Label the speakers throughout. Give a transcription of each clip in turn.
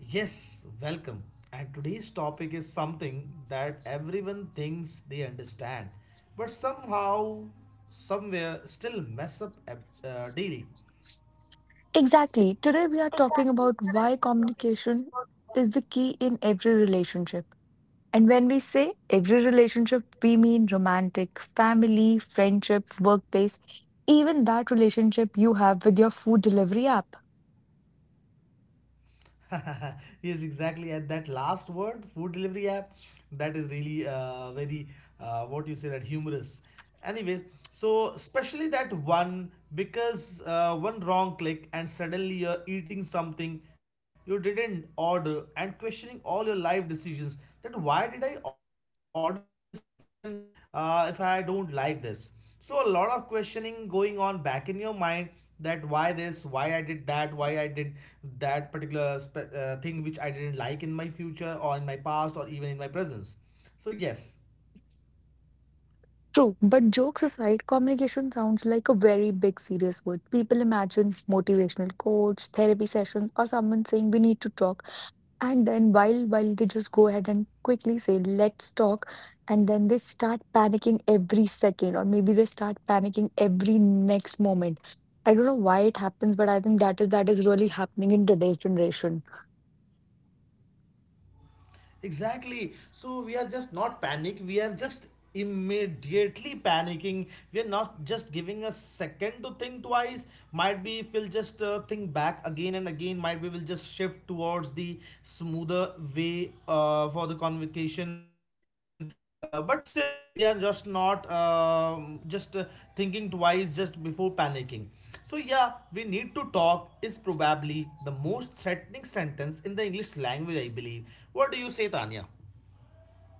Speaker 1: Yes, welcome. And today's topic is something that everyone thinks they understand, but somehow, somewhere, still mess up daily.
Speaker 2: Exactly. Today, we are talking about why communication is the key in every relationship. And when we say every relationship, we mean romantic, family, friendship, workplace, even that relationship you have with your food delivery app.
Speaker 1: Yes, exactly, at that last word, food delivery app, that is really very, what you say, that humorous. Anyways, so especially that one because one wrong click and suddenly you're eating something you didn't order and questioning all your life decisions, that why did I order this even, if I don't like this. So a lot of questioning going on back in your mind, that why this, why I did that, why I did that particular thing which I didn't like in my future or in my past or even in my presence. So yes.
Speaker 2: True, but jokes aside, communication sounds like a very big, serious word. People imagine motivational quotes, therapy sessions, or someone saying we need to talk, and then while they just go ahead and quickly say let's talk, and then they start panicking every second, or maybe they start panicking every next moment. I don't know why it happens, but I think that is really happening in today's generation.
Speaker 1: Exactly. So we are just not panic. We are just immediately panicking. We are not just giving a second to think twice. Might be if we'll just think back again and again. Might be we'll just shift towards the smoother way for the convocation. But still, we are just not just thinking twice just before panicking. So yeah, we need to talk is probably the most threatening sentence in the English language, I believe. What do you say, Tanya?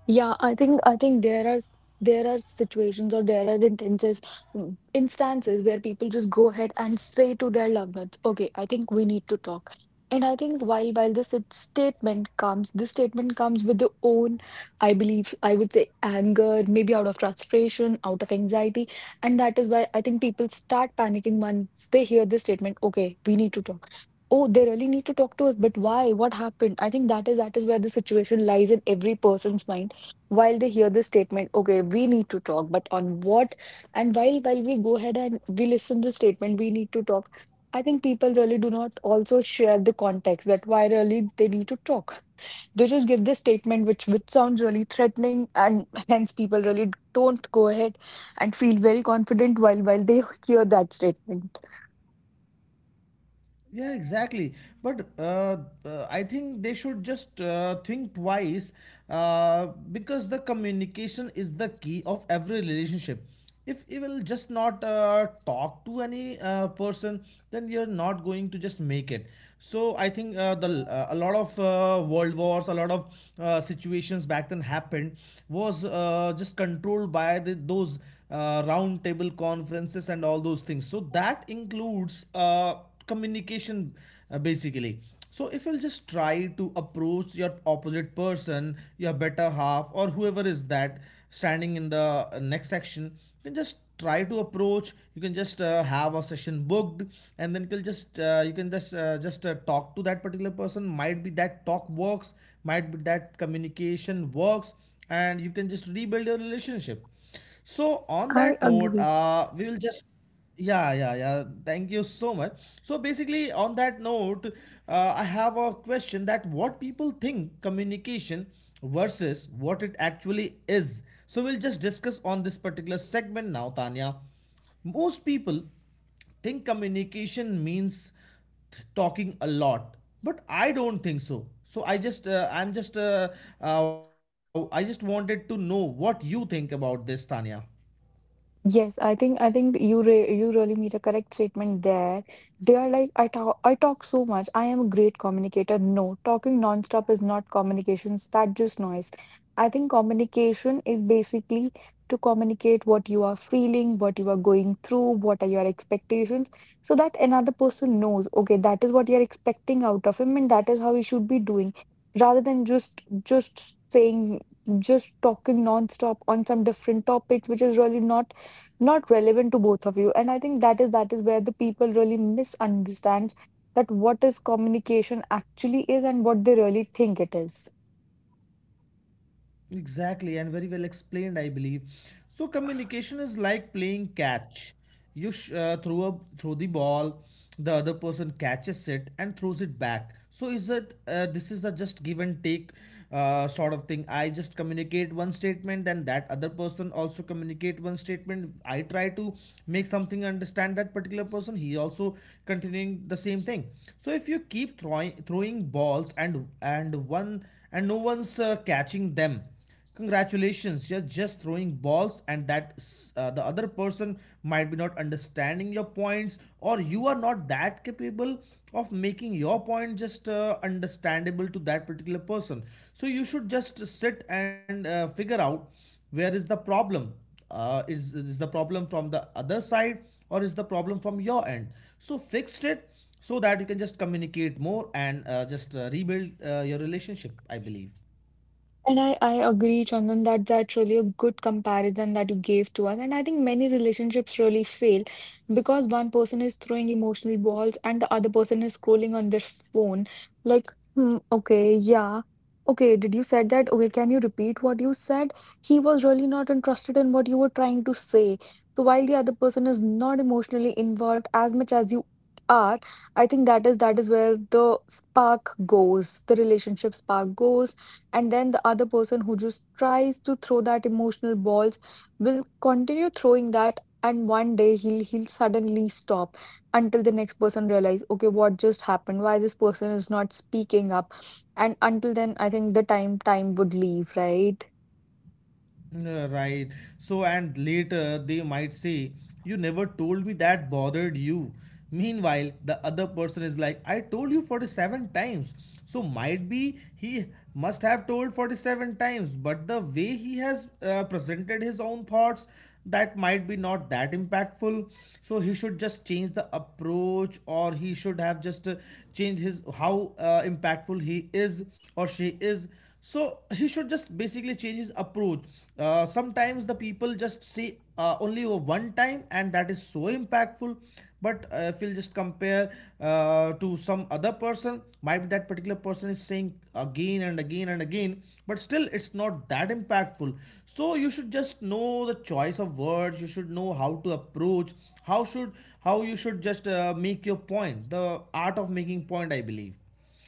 Speaker 2: Yeah, I think there are situations or there are instances instances where people just go ahead and say to their loved ones, "Okay, I think we need to talk." And I think while this statement comes with the own, I believe, I would say anger, maybe out of frustration, out of anxiety, and that is why I think people start panicking once they hear this statement, "Okay, we need to talk." Oh, they really need to talk to us, but why? What happened? I think that is where the situation lies in every person's mind while they hear this statement, "Okay, we need to talk, but on what?" And while we go ahead and we listen the statement, "We need to talk," I think people really do not also share the context that why really they need to talk. They just give this statement, which sounds really threatening, and hence people really don't go ahead and feel very confident while they hear that statement.
Speaker 1: Yeah, exactly. But I think they should just think twice because the communication is the key of every relationship. If you will just not talk to any person, then you're not going to just make it. So I think the a lot of world wars, a lot of situations back then happened was just controlled by the, those round table conferences and all those things. So that includes. Communication, basically. So if you'll just try to approach your opposite person, your better half, or whoever is that standing in the next section, you can just try to approach, you can just have a session booked, and then you can just talk to that particular person. Might be that talk works, might be that communication works, and you can just rebuild your relationship. So on
Speaker 2: I
Speaker 1: that note,
Speaker 2: agree.
Speaker 1: we will just. Yeah, yeah, yeah. Thank you so much. So basically, on that note, I have a question that what people think communication versus what it actually is. So we'll just discuss on this particular segment now, Tanya. Most people think communication means talking a lot, but I don't think so. So I just, I'm just, I just wanted to know what you think about this, Tanya.
Speaker 2: Yes, I think you really made a correct statement there. They are like, I talk so much. I am a great communicator." No, talking nonstop is not communications. That just noise. I think communication is basically to communicate what you are feeling, what you are going through, what are your expectations, so that another person knows, okay, that is what you're expecting out of him, and that is how he should be doing, rather than just talking nonstop on some different topics which is really not not relevant to both of you. And I think that is where the people really misunderstand that what is communication actually is and what they really think it is.
Speaker 1: Exactly, and very well explained, I believe. So communication is like playing catch. You throw the ball, the other person catches it and throws it back. So is it, this is a just give and take sort of thing? I just communicate one statement, then that other person also communicate one statement. I try to make something understand that particular person. He also continuing the same thing. So if you keep throwing balls and one and no one's catching them. Congratulations, you're just throwing balls, and that, the other person might be not understanding your points, or you are not that capable of making your point just understandable to that particular person. So you should just sit and figure out where is the problem. Is the problem from the other side, or is the problem from your end? So fix it so that you can just communicate more and just rebuild your relationship, I believe.
Speaker 2: And I agree, Chandan, that that's really a good comparison that you gave to us. And I think many relationships really fail because one person is throwing emotional balls and the other person is scrolling on their phone. Like, hmm, okay, yeah. Okay, did you said that? Okay, can you repeat what you said? He was really not interested in what you were trying to say. So while the other person is not emotionally involved as much as you are, I think that is where the spark goes, the relationship spark goes, and then the other person who just tries to throw that emotional balls will continue throwing that, and one day he'll suddenly stop until the next person realize, "Okay, what just happened? Why this person is not speaking up?" And until then, I think the time would leave, right?
Speaker 1: Right. So, and later they might say, you never told me that bothered you. Meanwhile, the other person is like, I told you 47 times. So, might be he must have told 47 times, but the way he has presented his own thoughts, that might be not that impactful. So, he should just change the approach, or he should have just changed his how impactful he is or she is. So he should just basically change his approach. Sometimes the people just say only one time and that is so impactful, but if you'll just compare to some other person, might be that particular person is saying again and again and again, but still it's not that impactful. So you should just know the choice of words, you should know how to approach, how should how you should just make your point, the art of making point, I believe.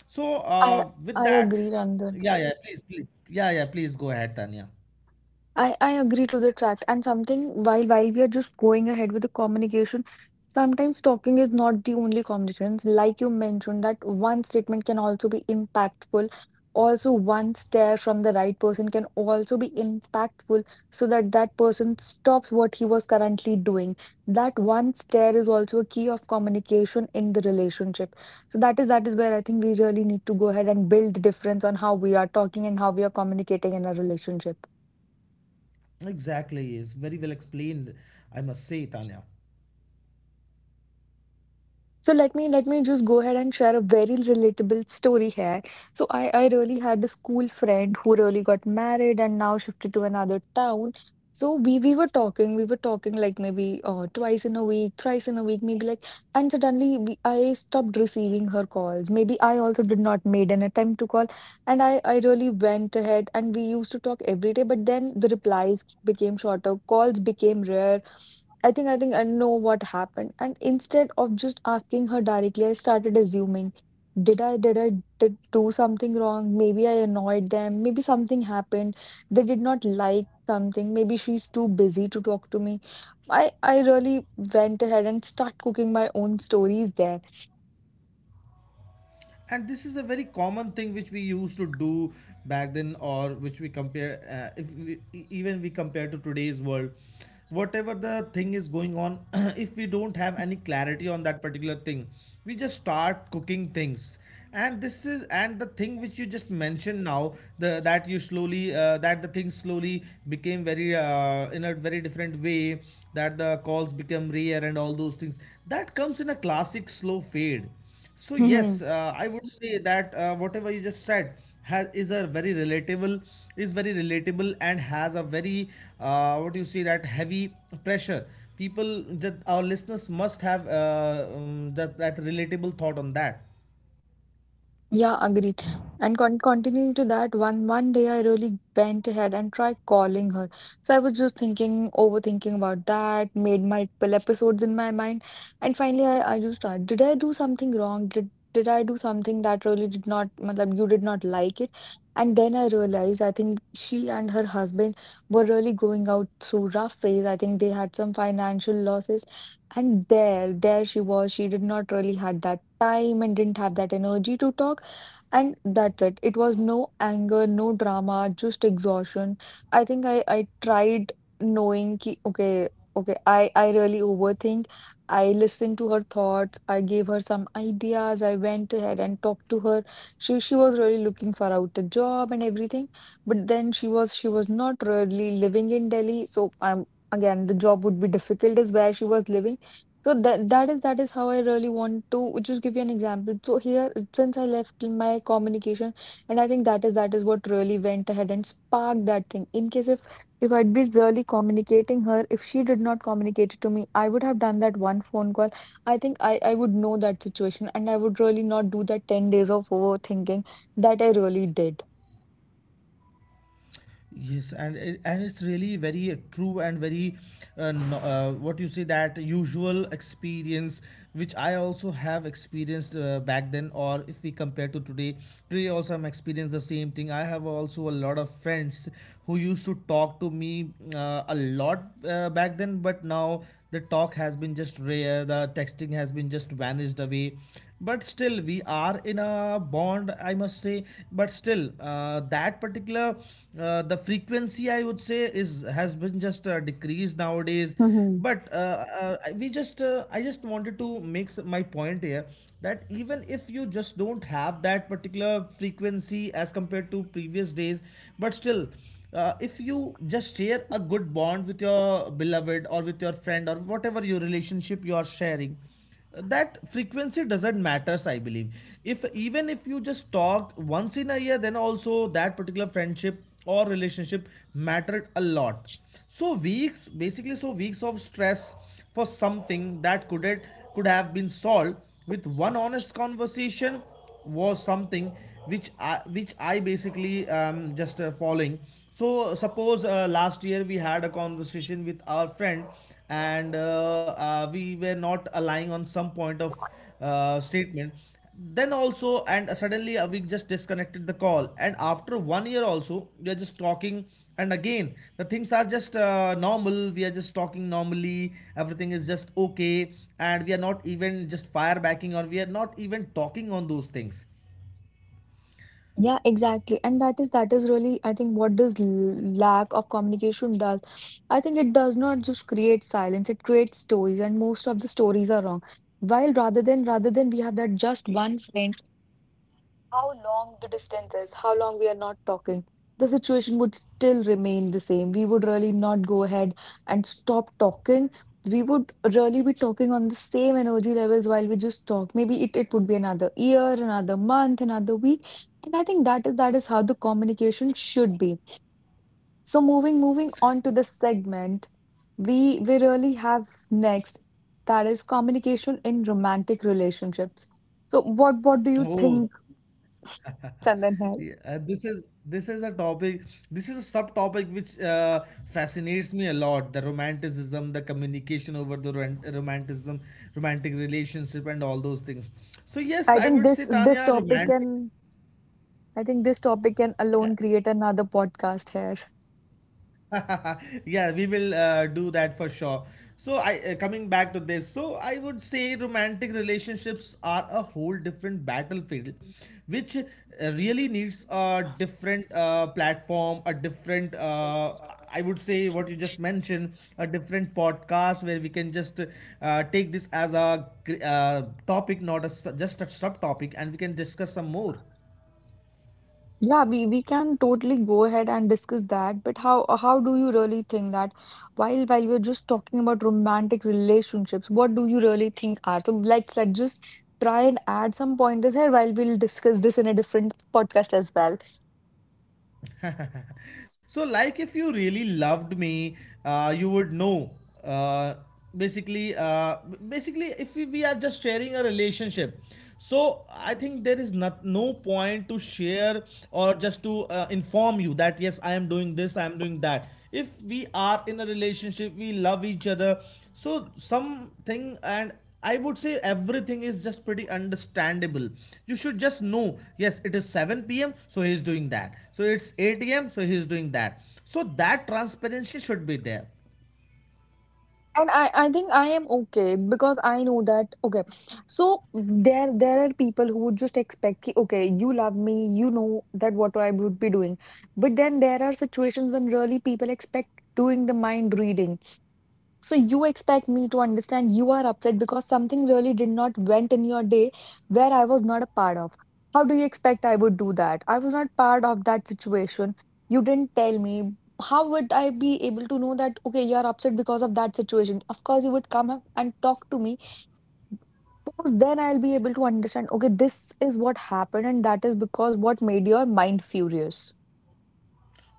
Speaker 1: so
Speaker 2: I
Speaker 1: uh, with
Speaker 2: I
Speaker 1: that
Speaker 2: agree, Rangan.
Speaker 1: Yeah, yeah, please, please. Yeah, yeah, please go ahead, Tanya.
Speaker 2: I agree to the chat, and something while we are just going ahead with the communication, sometimes talking is not the only communications. Like you mentioned, that one statement can also be impactful. Also, one stare from the right person can also be impactful, so that that person stops what he was currently doing. That one stare is also a key of communication in the relationship. So that is where I think we really need to go ahead and build the difference on how we are talking and how we are communicating in a relationship.
Speaker 1: Exactly, is very well explained, I must say, Tanya.
Speaker 2: So let me just go ahead and share a very relatable story here. So I really had a school friend who really got married and now shifted to another town. So we were talking like maybe twice in a week, thrice in a week, maybe like, and suddenly I stopped receiving her calls. Maybe I also did not made an attempt to call, and I really went ahead and we used to talk every day. But then the replies became shorter, calls became rare, I think I know what happened. And instead of just asking her directly, I started assuming, did I did I did do something wrong? Maybe I annoyed them. Maybe something happened. They did not like something. Maybe she's too busy to talk to me. I really went ahead and start cooking my own stories there.
Speaker 1: And this is a very common thing which we used to do back then, or which we compare, if we, e- even we compare to today's world, whatever the thing is going on, if we don't have any clarity on that particular thing, we just start cooking things. And this is, and the thing which you just mentioned now, the that you slowly, that the thing slowly became very, in a very different way, that the calls become rare and all those things, that comes in a classic slow fade. So yes, I would say that whatever you just said has, is a very relatable, is very relatable, and has a very, what do you say, that heavy pressure. People, that our listeners must have, that that relatable thought on that.
Speaker 2: Yeah, agreed. And continuing to that, one day I really went ahead and tried calling her. So I was just thinking, overthinking about that, made multiple episodes in my mind, and finally, I just tried. Did I do something wrong? Did I do something that really did not, matlab, you did not like it? And then I realized I think she and her husband were really going out through rough phase. I think they had some financial losses, and there she was. She did not really had that time and didn't have that energy to talk, and that's it. It was no anger, no drama, just exhaustion. I think I tried knowing ki, okay, okay, I really overthink. I listened to her thoughts. I gave her some ideas. I went ahead and talked to her. She was really looking for out a job and everything. But then she was not really living in Delhi. So again the job would be difficult is where she was living. So that is how I really want to just give you an example. So here, since I left my communication, and I think that is what really went ahead and sparked that thing. In case if I'd been really communicating her, if she did not communicate it to me, I would have done that one phone call. I think I would know that situation, and I would really not do that 10 days of overthinking that I really did.
Speaker 1: Yes, and it, and it's really very true and very, no, what you say, that usual experience, which I also have experienced back then, or if we compare to today, today also I'm experienced the same thing. I have also a lot of friends who used to talk to me a lot back then, but now the talk has been just rare, the texting has been just vanished away, but still we are in a bond, I must say. But still, that particular, the frequency, I would say, is has been just decreased nowadays. But uh, uh, I- we just uh, i just wanted to make my point here that even if you just don't have that particular frequency as compared to previous days, but still, if you just share a good bond with your beloved or with your friend or whatever your relationship you are sharing, that frequency doesn't matters, I believe. If even if you just talk once in a year, then also that particular friendship or relationship mattered a lot. So weeks, basically, so weeks of stress for something that could it, could have been solved with one honest conversation, was something which I basically just following. So suppose last year we had a conversation with our friend, and we were not aligning on some point of statement. Then also, and suddenly a just disconnected the call, and after 1 year also we are just talking, and again the things are just normal, we are just talking normally, everything is just okay, and we are not even just fire backing or we are not even talking on those things.
Speaker 2: Yeah, exactly. And that is really, I think, what does lack of communication does. I think it does not just create silence, it creates stories, and most of the stories are wrong. While rather than we have that just one friend, how long the distance is, how long we are not talking, the situation would still remain the same. We would really not go ahead and stop talking. We would really be talking on the same energy levels while we just talk. Maybe it, it would be another year, another month, another week. And I think that is how the communication should be. So moving on to the segment, we really have next, that is communication in romantic relationships. So what do you
Speaker 1: Oh.
Speaker 2: think, Chandan here?
Speaker 1: Yeah, this is a topic. This is a subtopic which fascinates me a lot. The romanticism, the communication over the romanticism, romantic relationship, and all those things. So yes,
Speaker 2: I
Speaker 1: I
Speaker 2: think
Speaker 1: would say,
Speaker 2: this
Speaker 1: Tanya,
Speaker 2: topic
Speaker 1: romantic.
Speaker 2: can I think this topic can
Speaker 1: Yeah.
Speaker 2: alone create another podcast here.
Speaker 1: Yeah, we will do that for sure. So i uh, coming back to this, so I would say romantic relationships are a whole different battlefield, which, really needs a different platform, a different, I would say, what you just mentioned, a different podcast where we can just take this as a topic, not a, just a subtopic, and we can discuss some more.
Speaker 2: Yeah, we can totally go ahead and discuss that, but how do you really think that while we're just talking about romantic relationships, what do you really think are? So like let's just try and add some pointers here while we'll discuss this in a different podcast as well.
Speaker 1: So like if you really loved me, you would know, uh, basically uh, basically if we are just sharing a relationship, so I think there is not no point to share or just to inform you that yes I am doing this, I am doing that. If we are in a relationship, we love each other, so something, and I would say everything is just pretty understandable. You should just know, yes, it is 7 p.m., so he is doing that. So it's 8 a.m., so he is doing that. So that transparency should be there.
Speaker 2: And I think I am okay because I know that okay. So there are people who would just expect ki, okay, you love me, you know that what I would be doing. But then there are situations when really people expect doing the mind reading. So you expect me to understand you are upset because something really did not went in your day where I was not a part of. How do you expect I would do that? I was not part of that situation. You didn't tell me. How would I be able to know that, okay, you're upset because of that situation? Of course, you would come up and talk to me because then I'll be able to understand, okay, this is what happened and that is because what made your mind furious.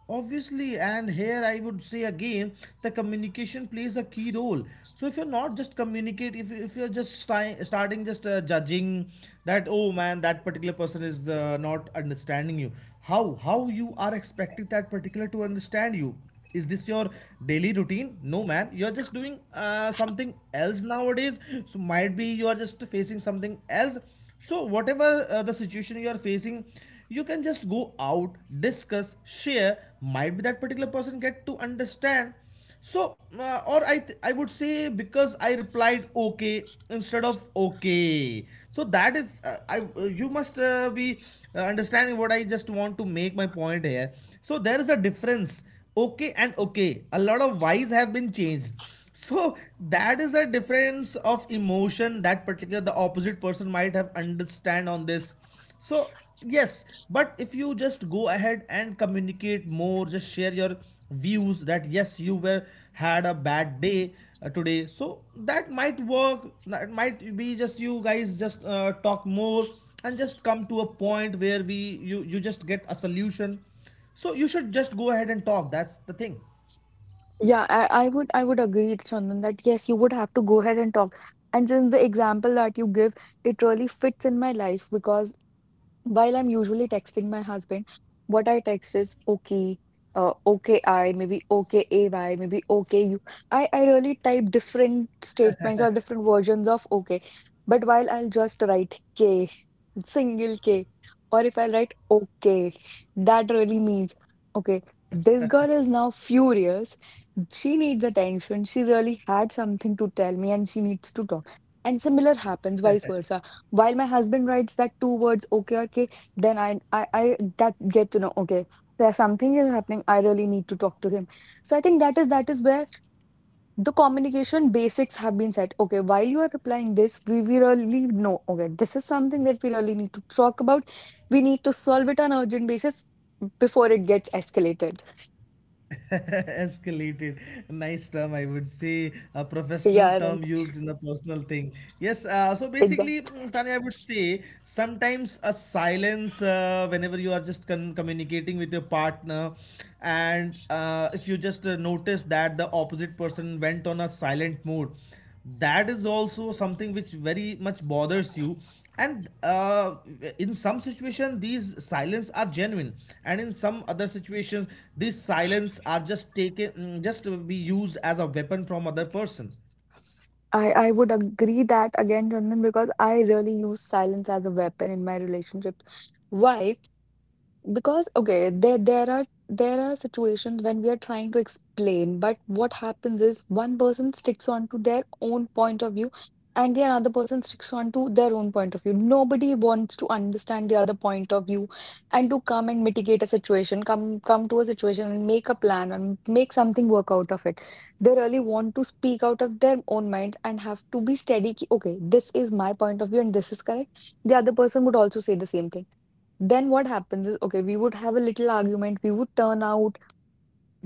Speaker 1: Obviously, and here I would say again, the communication plays a key role. So if you're not just communicate, if you're just starting just judging that, oh man, that particular person is not understanding you. How you are expecting that particular to understand you? Is this your daily routine? No man, you're just doing something else nowadays. So might be you are just facing something else. So whatever the situation you are facing, you can just go out, discuss, share. Might be that particular person get to understand. So or I would say, because I replied okay instead of okay. So that is I you must be understanding what I just want to make my point here. So there is a difference. Okay and okay, a lot of whys have been changed. So that is a difference of emotion that particular the opposite person might have understand on this. so, yes, but if you just go ahead and communicate more, just share your views that yes, you were had a bad day today. So that might work. That might be just you guys just talk more and just come to a point where we you you just get a solution. So you should just go ahead and talk. That's the thing.
Speaker 2: Yeah, I would agree, Chandan, that yes, you would have to go ahead and talk. And since the example that you give, it really fits in my life because while I'm usually texting my husband, what I text is okay, okay I, maybe okay AY, maybe okay you. I really type different statements or different versions of okay. But while I'll just write K, single K, or if I write okay, that really means okay, this girl is now furious. She needs attention. She really had something to tell me and she needs to talk. And similar happens vice versa. While my husband writes that two words, okay, okay, then I that get to know, okay, there's something is happening. I really need to talk to him. So I think that is where the communication basics have been set. Okay, while you are replying this, we really know, okay, this is something that we really need to talk about. We need to solve it on urgent basis before it gets escalated.
Speaker 1: Escalated. Nice term, I would say. A professional
Speaker 2: Yeah,
Speaker 1: term
Speaker 2: right.
Speaker 1: used in a personal thing. Yes, so basically,
Speaker 2: Exactly.
Speaker 1: Tanya, I would say sometimes a silence whenever you are just communicating with your partner, and if you just notice that the opposite person went on a silent mode, that is also something which very much bothers you. And In some situation these silence are genuine, and in some other situations these silence are just taken, just to be used as a weapon from other person.
Speaker 2: I would agree that again, Randan, because I really use silence as a weapon in my relationship. Why? Because okay, there are situations when we are trying to explain, but what happens is one person sticks on to their own point of view and the another person sticks on to their own point of view. Nobody wants to understand the other point of view and to come and mitigate a situation, come to a situation and make a plan and make something work out of it. They really want to speak out of their own mind and have to be steady. Ki, okay, this is my point of view and this is correct. The other person would also say the same thing then what happens is, okay, we would have a little argument, we would turn out,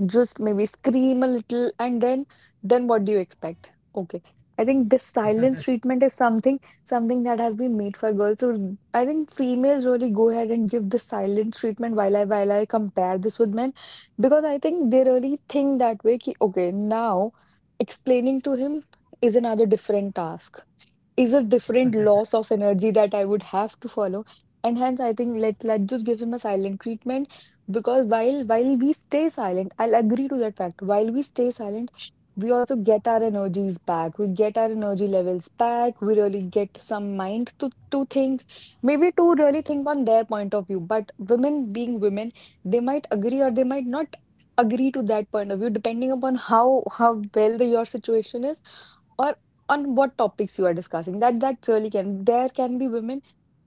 Speaker 2: just maybe scream a little, and then what do you expect? Okay. I think this silence treatment is something that has been made for girls. So I think females really go ahead and give the silence treatment while I compare this with men because I think they really think that way ki, okay, now explaining to him is another different task is a different loss of energy that I would have to follow. And hence, I think let's just give him a silent treatment because while we stay silent, I'll agree to that fact. While we stay silent, we also get our energies back. We get our energy levels back. We really get some mind to think, maybe to really think on their point of view. But women being women, they might agree or they might not agree to that point of view, depending upon how well the, your situation is or on what topics you are discussing that that really can there can be women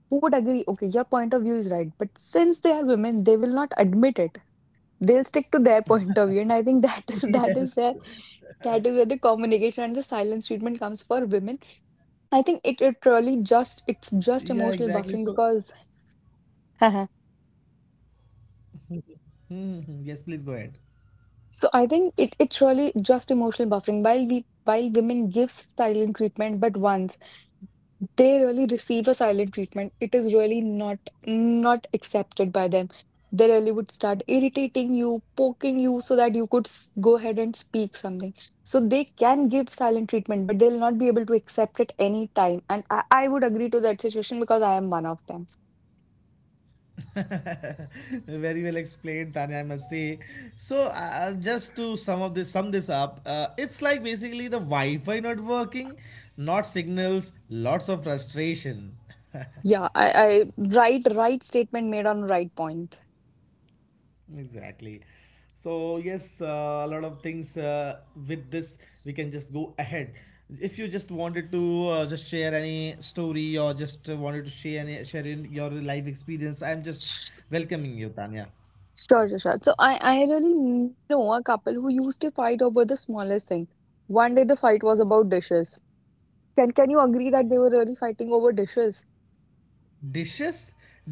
Speaker 2: who would agree okay your point of view is right but since they are women they will not admit it they'll stick to their point of view and I think that is that is
Speaker 1: Yes.
Speaker 2: where that is where the communication and the silence treatment comes for women. I think it, it really just
Speaker 1: Yeah,
Speaker 2: it's
Speaker 1: exactly,
Speaker 2: just
Speaker 1: so
Speaker 2: emotional buffering because
Speaker 1: Mhm. Yes, please go ahead.
Speaker 2: So I think it's really just emotional buffering. While women gives silent treatment, but once they really receive a silent treatment, it is really not accepted by them. They really would start irritating you, poking you, so that you could go ahead and speak something. So they can give silent treatment, but they'll not be able to accept it any time. And I would agree to that situation because I am one of them.
Speaker 1: Very well explained, Tanya, I must say. So, just to sum up this, sum this up, it's like basically the Wi-Fi not working, not signals, lots of frustration.
Speaker 2: Yeah, I right statement made on right point.
Speaker 1: Exactly. So yes, a lot of things with this we can just go ahead. If you just wanted to just share any story or just wanted to share any share in your life experience, I'm just welcoming you, Tanya.
Speaker 2: Sure, sure, sure. So I really know a couple who used to fight over the smallest thing. One day the fight was about dishes. Can you agree that they were really fighting over dishes?
Speaker 1: Dishes.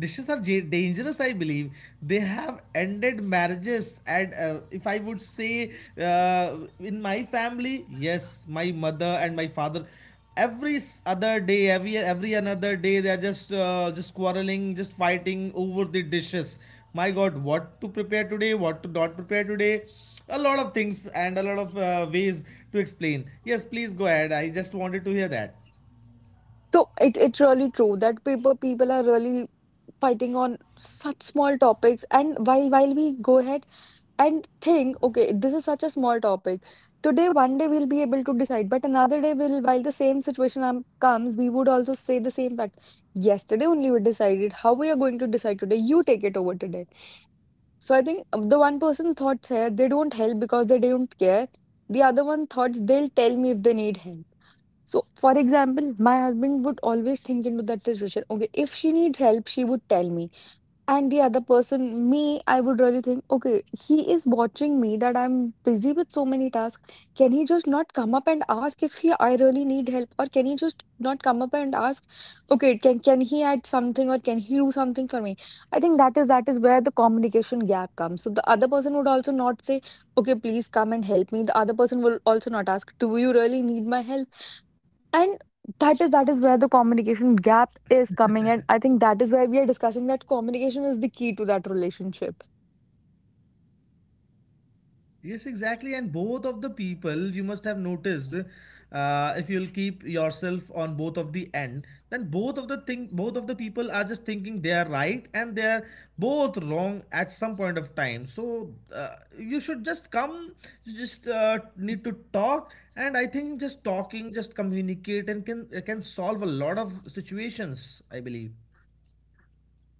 Speaker 1: Dishes are dangerous, I believe. They have ended marriages, and if I would say, in my family, yes, my mother and my father, other day, every another day, they are just quarreling, just fighting over the dishes. My god, what to prepare today, what to not prepare today. A lot of things and a lot of ways to explain. Yes, please go ahead, I just wanted to hear that.
Speaker 2: So it it's really true that people are really fighting on such small topics. And while we go ahead and think, okay, this is such a small topic. Today, one day we'll be able to decide, but another day will, while the same situation comes, we would also say the same fact. Yesterday only we decided how we are going to decide today. You take it over today. So I think the one person thoughts here they don't help because they don't care. The other one thoughts they'll tell me if they need help. So for example, my husband would always think into that situation. Okay, if she needs help, she would tell me. And the other person, me, I would really think, okay, he is watching me that I'm busy with so many tasks. Can he just not come up and ask if he I really need help? Or can he just not come up and ask, okay, can he add something or can he do something for me? I think that is where the communication gap comes. So the other person would also not say, okay, please come and help me. The other person will also not ask, do you really need my help? And that is where the communication gap is coming and I think that is where we are discussing that communication is the key to that relationship.
Speaker 1: Yes, exactly. And both of the people, you must have noticed, if you'll keep yourself on both of the end, then both of the thing, both of the people are just thinking they are right and they are both wrong at some point of time. So you should just come, you just need to talk, and I think just talking, just communicate, and can solve a lot of situations. I believe.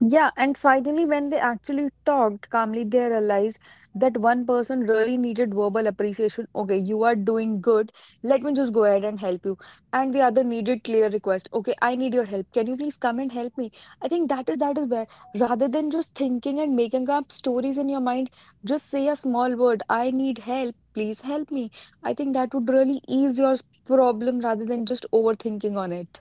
Speaker 2: Yeah, and finally, when they actually talked calmly, they realized that one person really needed verbal appreciation. Okay, you are doing good. Let me just go ahead and help you. And the other needed clear request. Okay, I need your help. Can you please come and help me? I think that is where rather than just thinking and making up stories in your mind, just say a small word. I need help. Please help me. I think that would really ease your problem rather than just overthinking on it.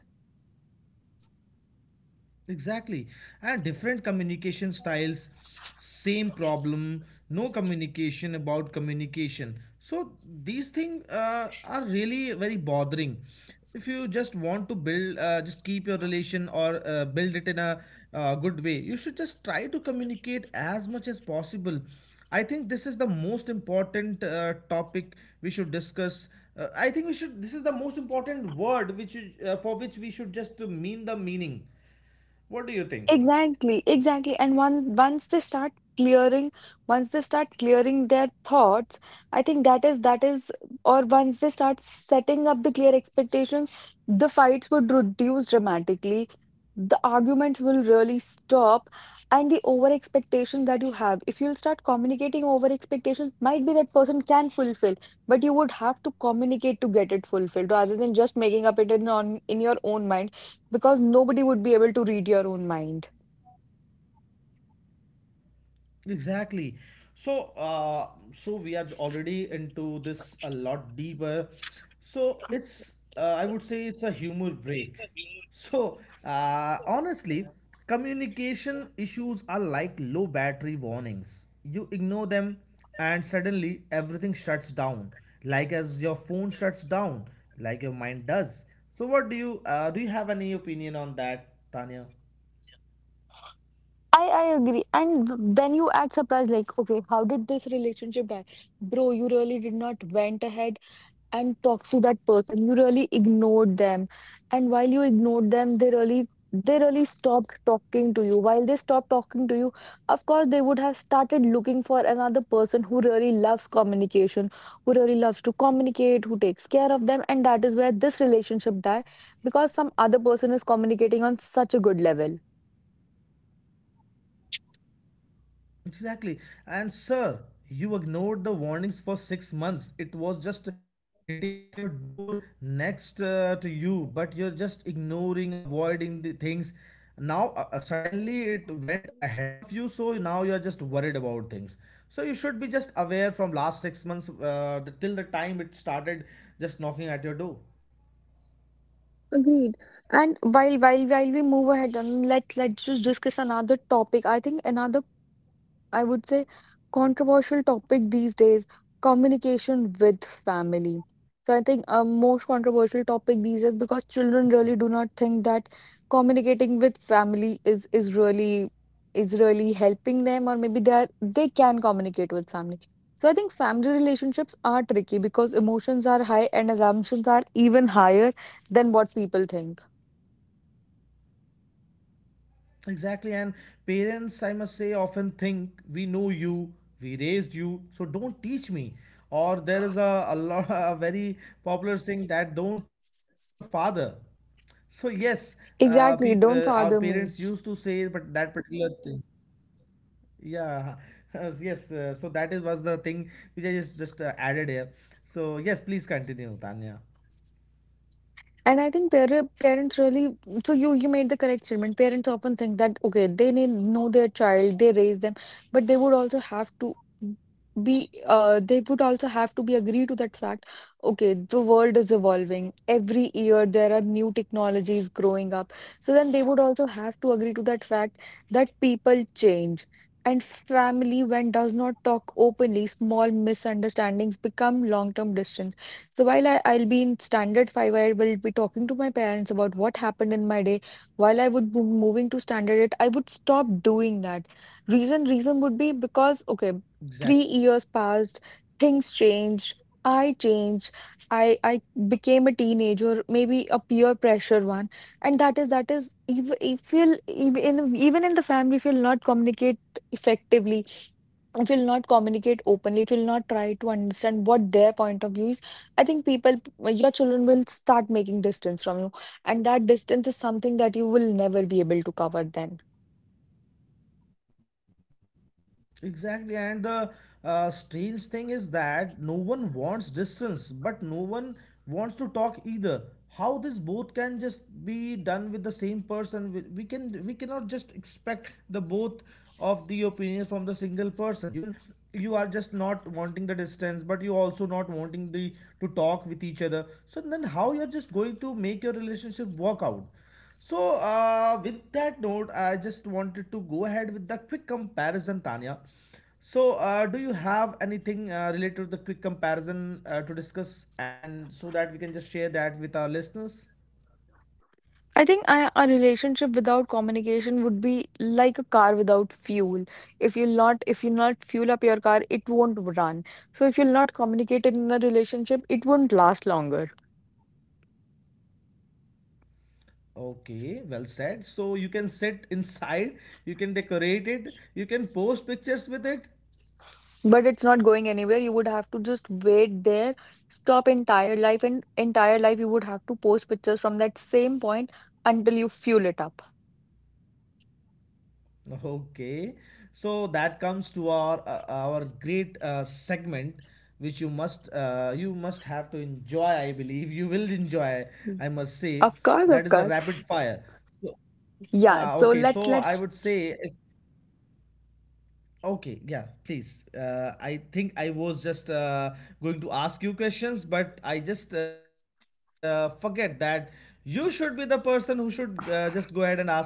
Speaker 1: Exactly. And different communication styles, same problem, no communication about communication. So these things are really very bothering. If you just want to build, just keep your relation or build it in a good way, you should just try to communicate as much as possible. I think this is the most important topic we should discuss. I think we should. This is the most important word which for which we should just mean the meaning. What do you think?
Speaker 2: Exactly, exactly. And one once they start clearing, once they start clearing their thoughts, I think or once they start setting up the clear expectations, the fights would reduce dramatically. The arguments will really stop, and the over expectation that you have, if you'll start communicating over expectations, might be that person can fulfill, but you would have to communicate to get it fulfilled rather than just making up it in on in your own mind because nobody would be able to read your own mind.
Speaker 1: Exactly. So, so we are already into this a lot deeper. So it's, I would say it's a humor break. So, honestly, communication issues are like low battery warnings. You ignore them, and suddenly everything shuts down. Like as your phone shuts down, like your mind does. So, what do you, do you have any opinion on that, Tanya?
Speaker 2: I agree. And then you act surprised, like, okay, how did this relationship die? Bro, you really did not went ahead and talk to that person. You really ignored them. And while you ignored them, they really stopped talking to you. While they stopped talking to you, of course they would have started looking for another person who really loves communication, who really loves to communicate, who takes care of them, and that is where this relationship die because some other person is communicating on such a good level.
Speaker 1: Exactly. And sir, you ignored the warnings for 6 months. It was just hitting at your door next to you, but you're just ignoring, avoiding the things. Now, suddenly it went ahead of you, so now you're just worried about things. So you should be just aware from last 6 months, till the time it started just knocking at your door.
Speaker 2: Agreed. And while we move ahead and let's just discuss another topic. I think another I would say controversial topic these days, communication with family. So I think a most controversial topic these days because children really do not think that communicating with family is really helping them or maybe they are, they can communicate with family. So I think family relationships are tricky because emotions are high and assumptions are even higher than what people think.
Speaker 1: Exactly, and parents, I must say, often think we know you, we raised you, so don't teach me. Or there is lot, a very popular saying that don't teach your father. So yes,
Speaker 2: Exactly,
Speaker 1: our
Speaker 2: don't
Speaker 1: parents
Speaker 2: father
Speaker 1: used to
Speaker 2: me.
Speaker 1: say, but that particular thing, yeah, yes. So that is was the thing which I just added here. So yes, please continue, Tanya.
Speaker 2: And I think parents really, so you made the correct statement. Parents often think that okay, they know their child, they raise them, but they would also have to be agree to that fact. Okay, the world is evolving. Every year there are new technologies growing up. So then they would also have to agree to that fact that people change. And family, when does not talk openly, small misunderstandings become long-term distance. So while I'll be in standard five, I will be talking to my parents about what happened in my day. While I would be moving to standard eight, I would stop doing that. Reason, reason would be because, okay, 3 years
Speaker 1: Exactly.
Speaker 2: passed, things changed, I changed, I became a teenager, maybe a peer pressure one. And that is if you'll even in the family, if you'll not communicate effectively if you'll not communicate openly, if you'll not try to understand what their point of view is, I think people, your children will start making distance from you, and that distance is something that you will never be able to cover then.
Speaker 1: Exactly, and the strange thing is that no one wants distance, but no one wants to talk either. How this both can just be done with the same person? We can we cannot just expect the both of the opinions from the single person. You can you are just not wanting the distance, but you also not wanting the to talk with each other. So then how you're just going to make your relationship work out? So, with that note, I just wanted to go ahead with the quick comparison, Tanya. So, do you have anything related to the quick comparison to discuss, and so that we can just share that with our listeners?
Speaker 2: I think a relationship without communication would be like a car without fuel. If you not fuel up your car, it won't run. So if you'll not communicate in a relationship, it won't last longer.
Speaker 1: Okay, well said. So, you can sit inside, you can decorate it, you can post pictures with it.
Speaker 2: But it's not going anywhere. You would have to just wait there, stop entire life, and entire life you would have to post pictures from that same point until you fuel it up.
Speaker 1: Okay, so that comes to our great segment, which you must have to enjoy. I believe you will enjoy.
Speaker 2: Mm.
Speaker 1: I must say
Speaker 2: Of course,
Speaker 1: that
Speaker 2: of
Speaker 1: is a
Speaker 2: course.
Speaker 1: rapid fire. So,
Speaker 2: Yeah,
Speaker 1: okay,
Speaker 2: so
Speaker 1: so
Speaker 2: let's
Speaker 1: I would
Speaker 2: let's
Speaker 1: say if okay, yeah, please. I think I was just going to ask you questions, but I just forget that you should be the person who should just go ahead and ask me.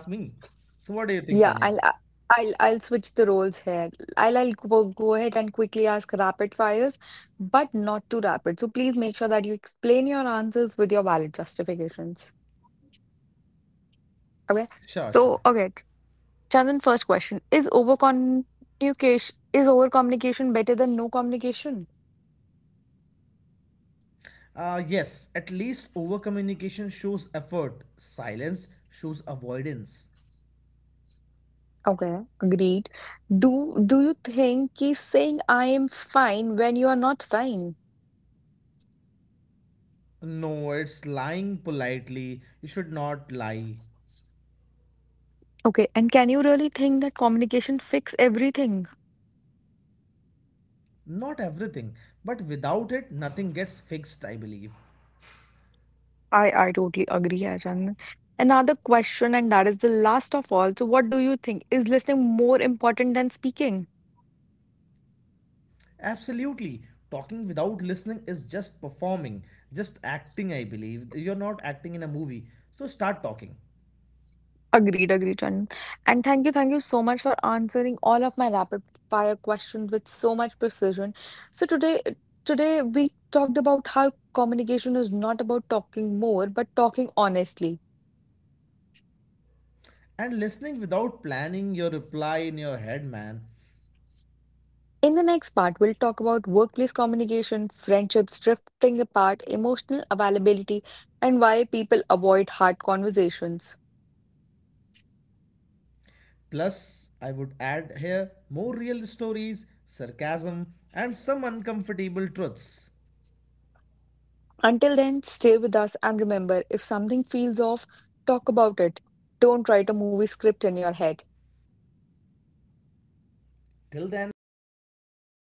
Speaker 1: So what do you think, Tanya?
Speaker 2: yeah, I'll I- I'll switch the roles here. I'll go ahead and quickly ask rapid fires, but not too rapid. So please make sure that you explain your answers with your valid justifications.
Speaker 1: Sure,
Speaker 2: Okay.
Speaker 1: sure.
Speaker 2: So okay, Chandan, first question. Is over communication better than no communication?
Speaker 1: Yes, at least over communication shows effort, silence shows avoidance.
Speaker 2: Okay, agreed. Do you think he's saying I am fine when you are not fine?
Speaker 1: No, it's lying politely. You should not lie.
Speaker 2: Okay, and can you really think that communication fix everything?
Speaker 1: Not everything, but without it, nothing gets fixed, I believe.
Speaker 2: I totally agree, Achan. Another question, and that is the last of all. So, what do you think? Is listening more important than speaking?
Speaker 1: Absolutely. Talking without listening is just performing, just acting, I believe. You're not acting in a movie, so start talking.
Speaker 2: Agreed, agreed, Chan. And thank you so much for answering all of my rapid fire questions with so much precision. So today, today we talked about how communication is not about talking more, but talking honestly.
Speaker 1: And listening without planning your reply in your head, man.
Speaker 2: In the next part, we'll talk about workplace communication, friendships drifting apart, emotional availability, and why people avoid hard conversations.
Speaker 1: Plus, I would add here more real stories, sarcasm, and some uncomfortable truths.
Speaker 2: Until then, stay with us and remember if something feels off, talk about it. Don't write a movie script in your head.
Speaker 1: Till then, signing off, this is Chandan.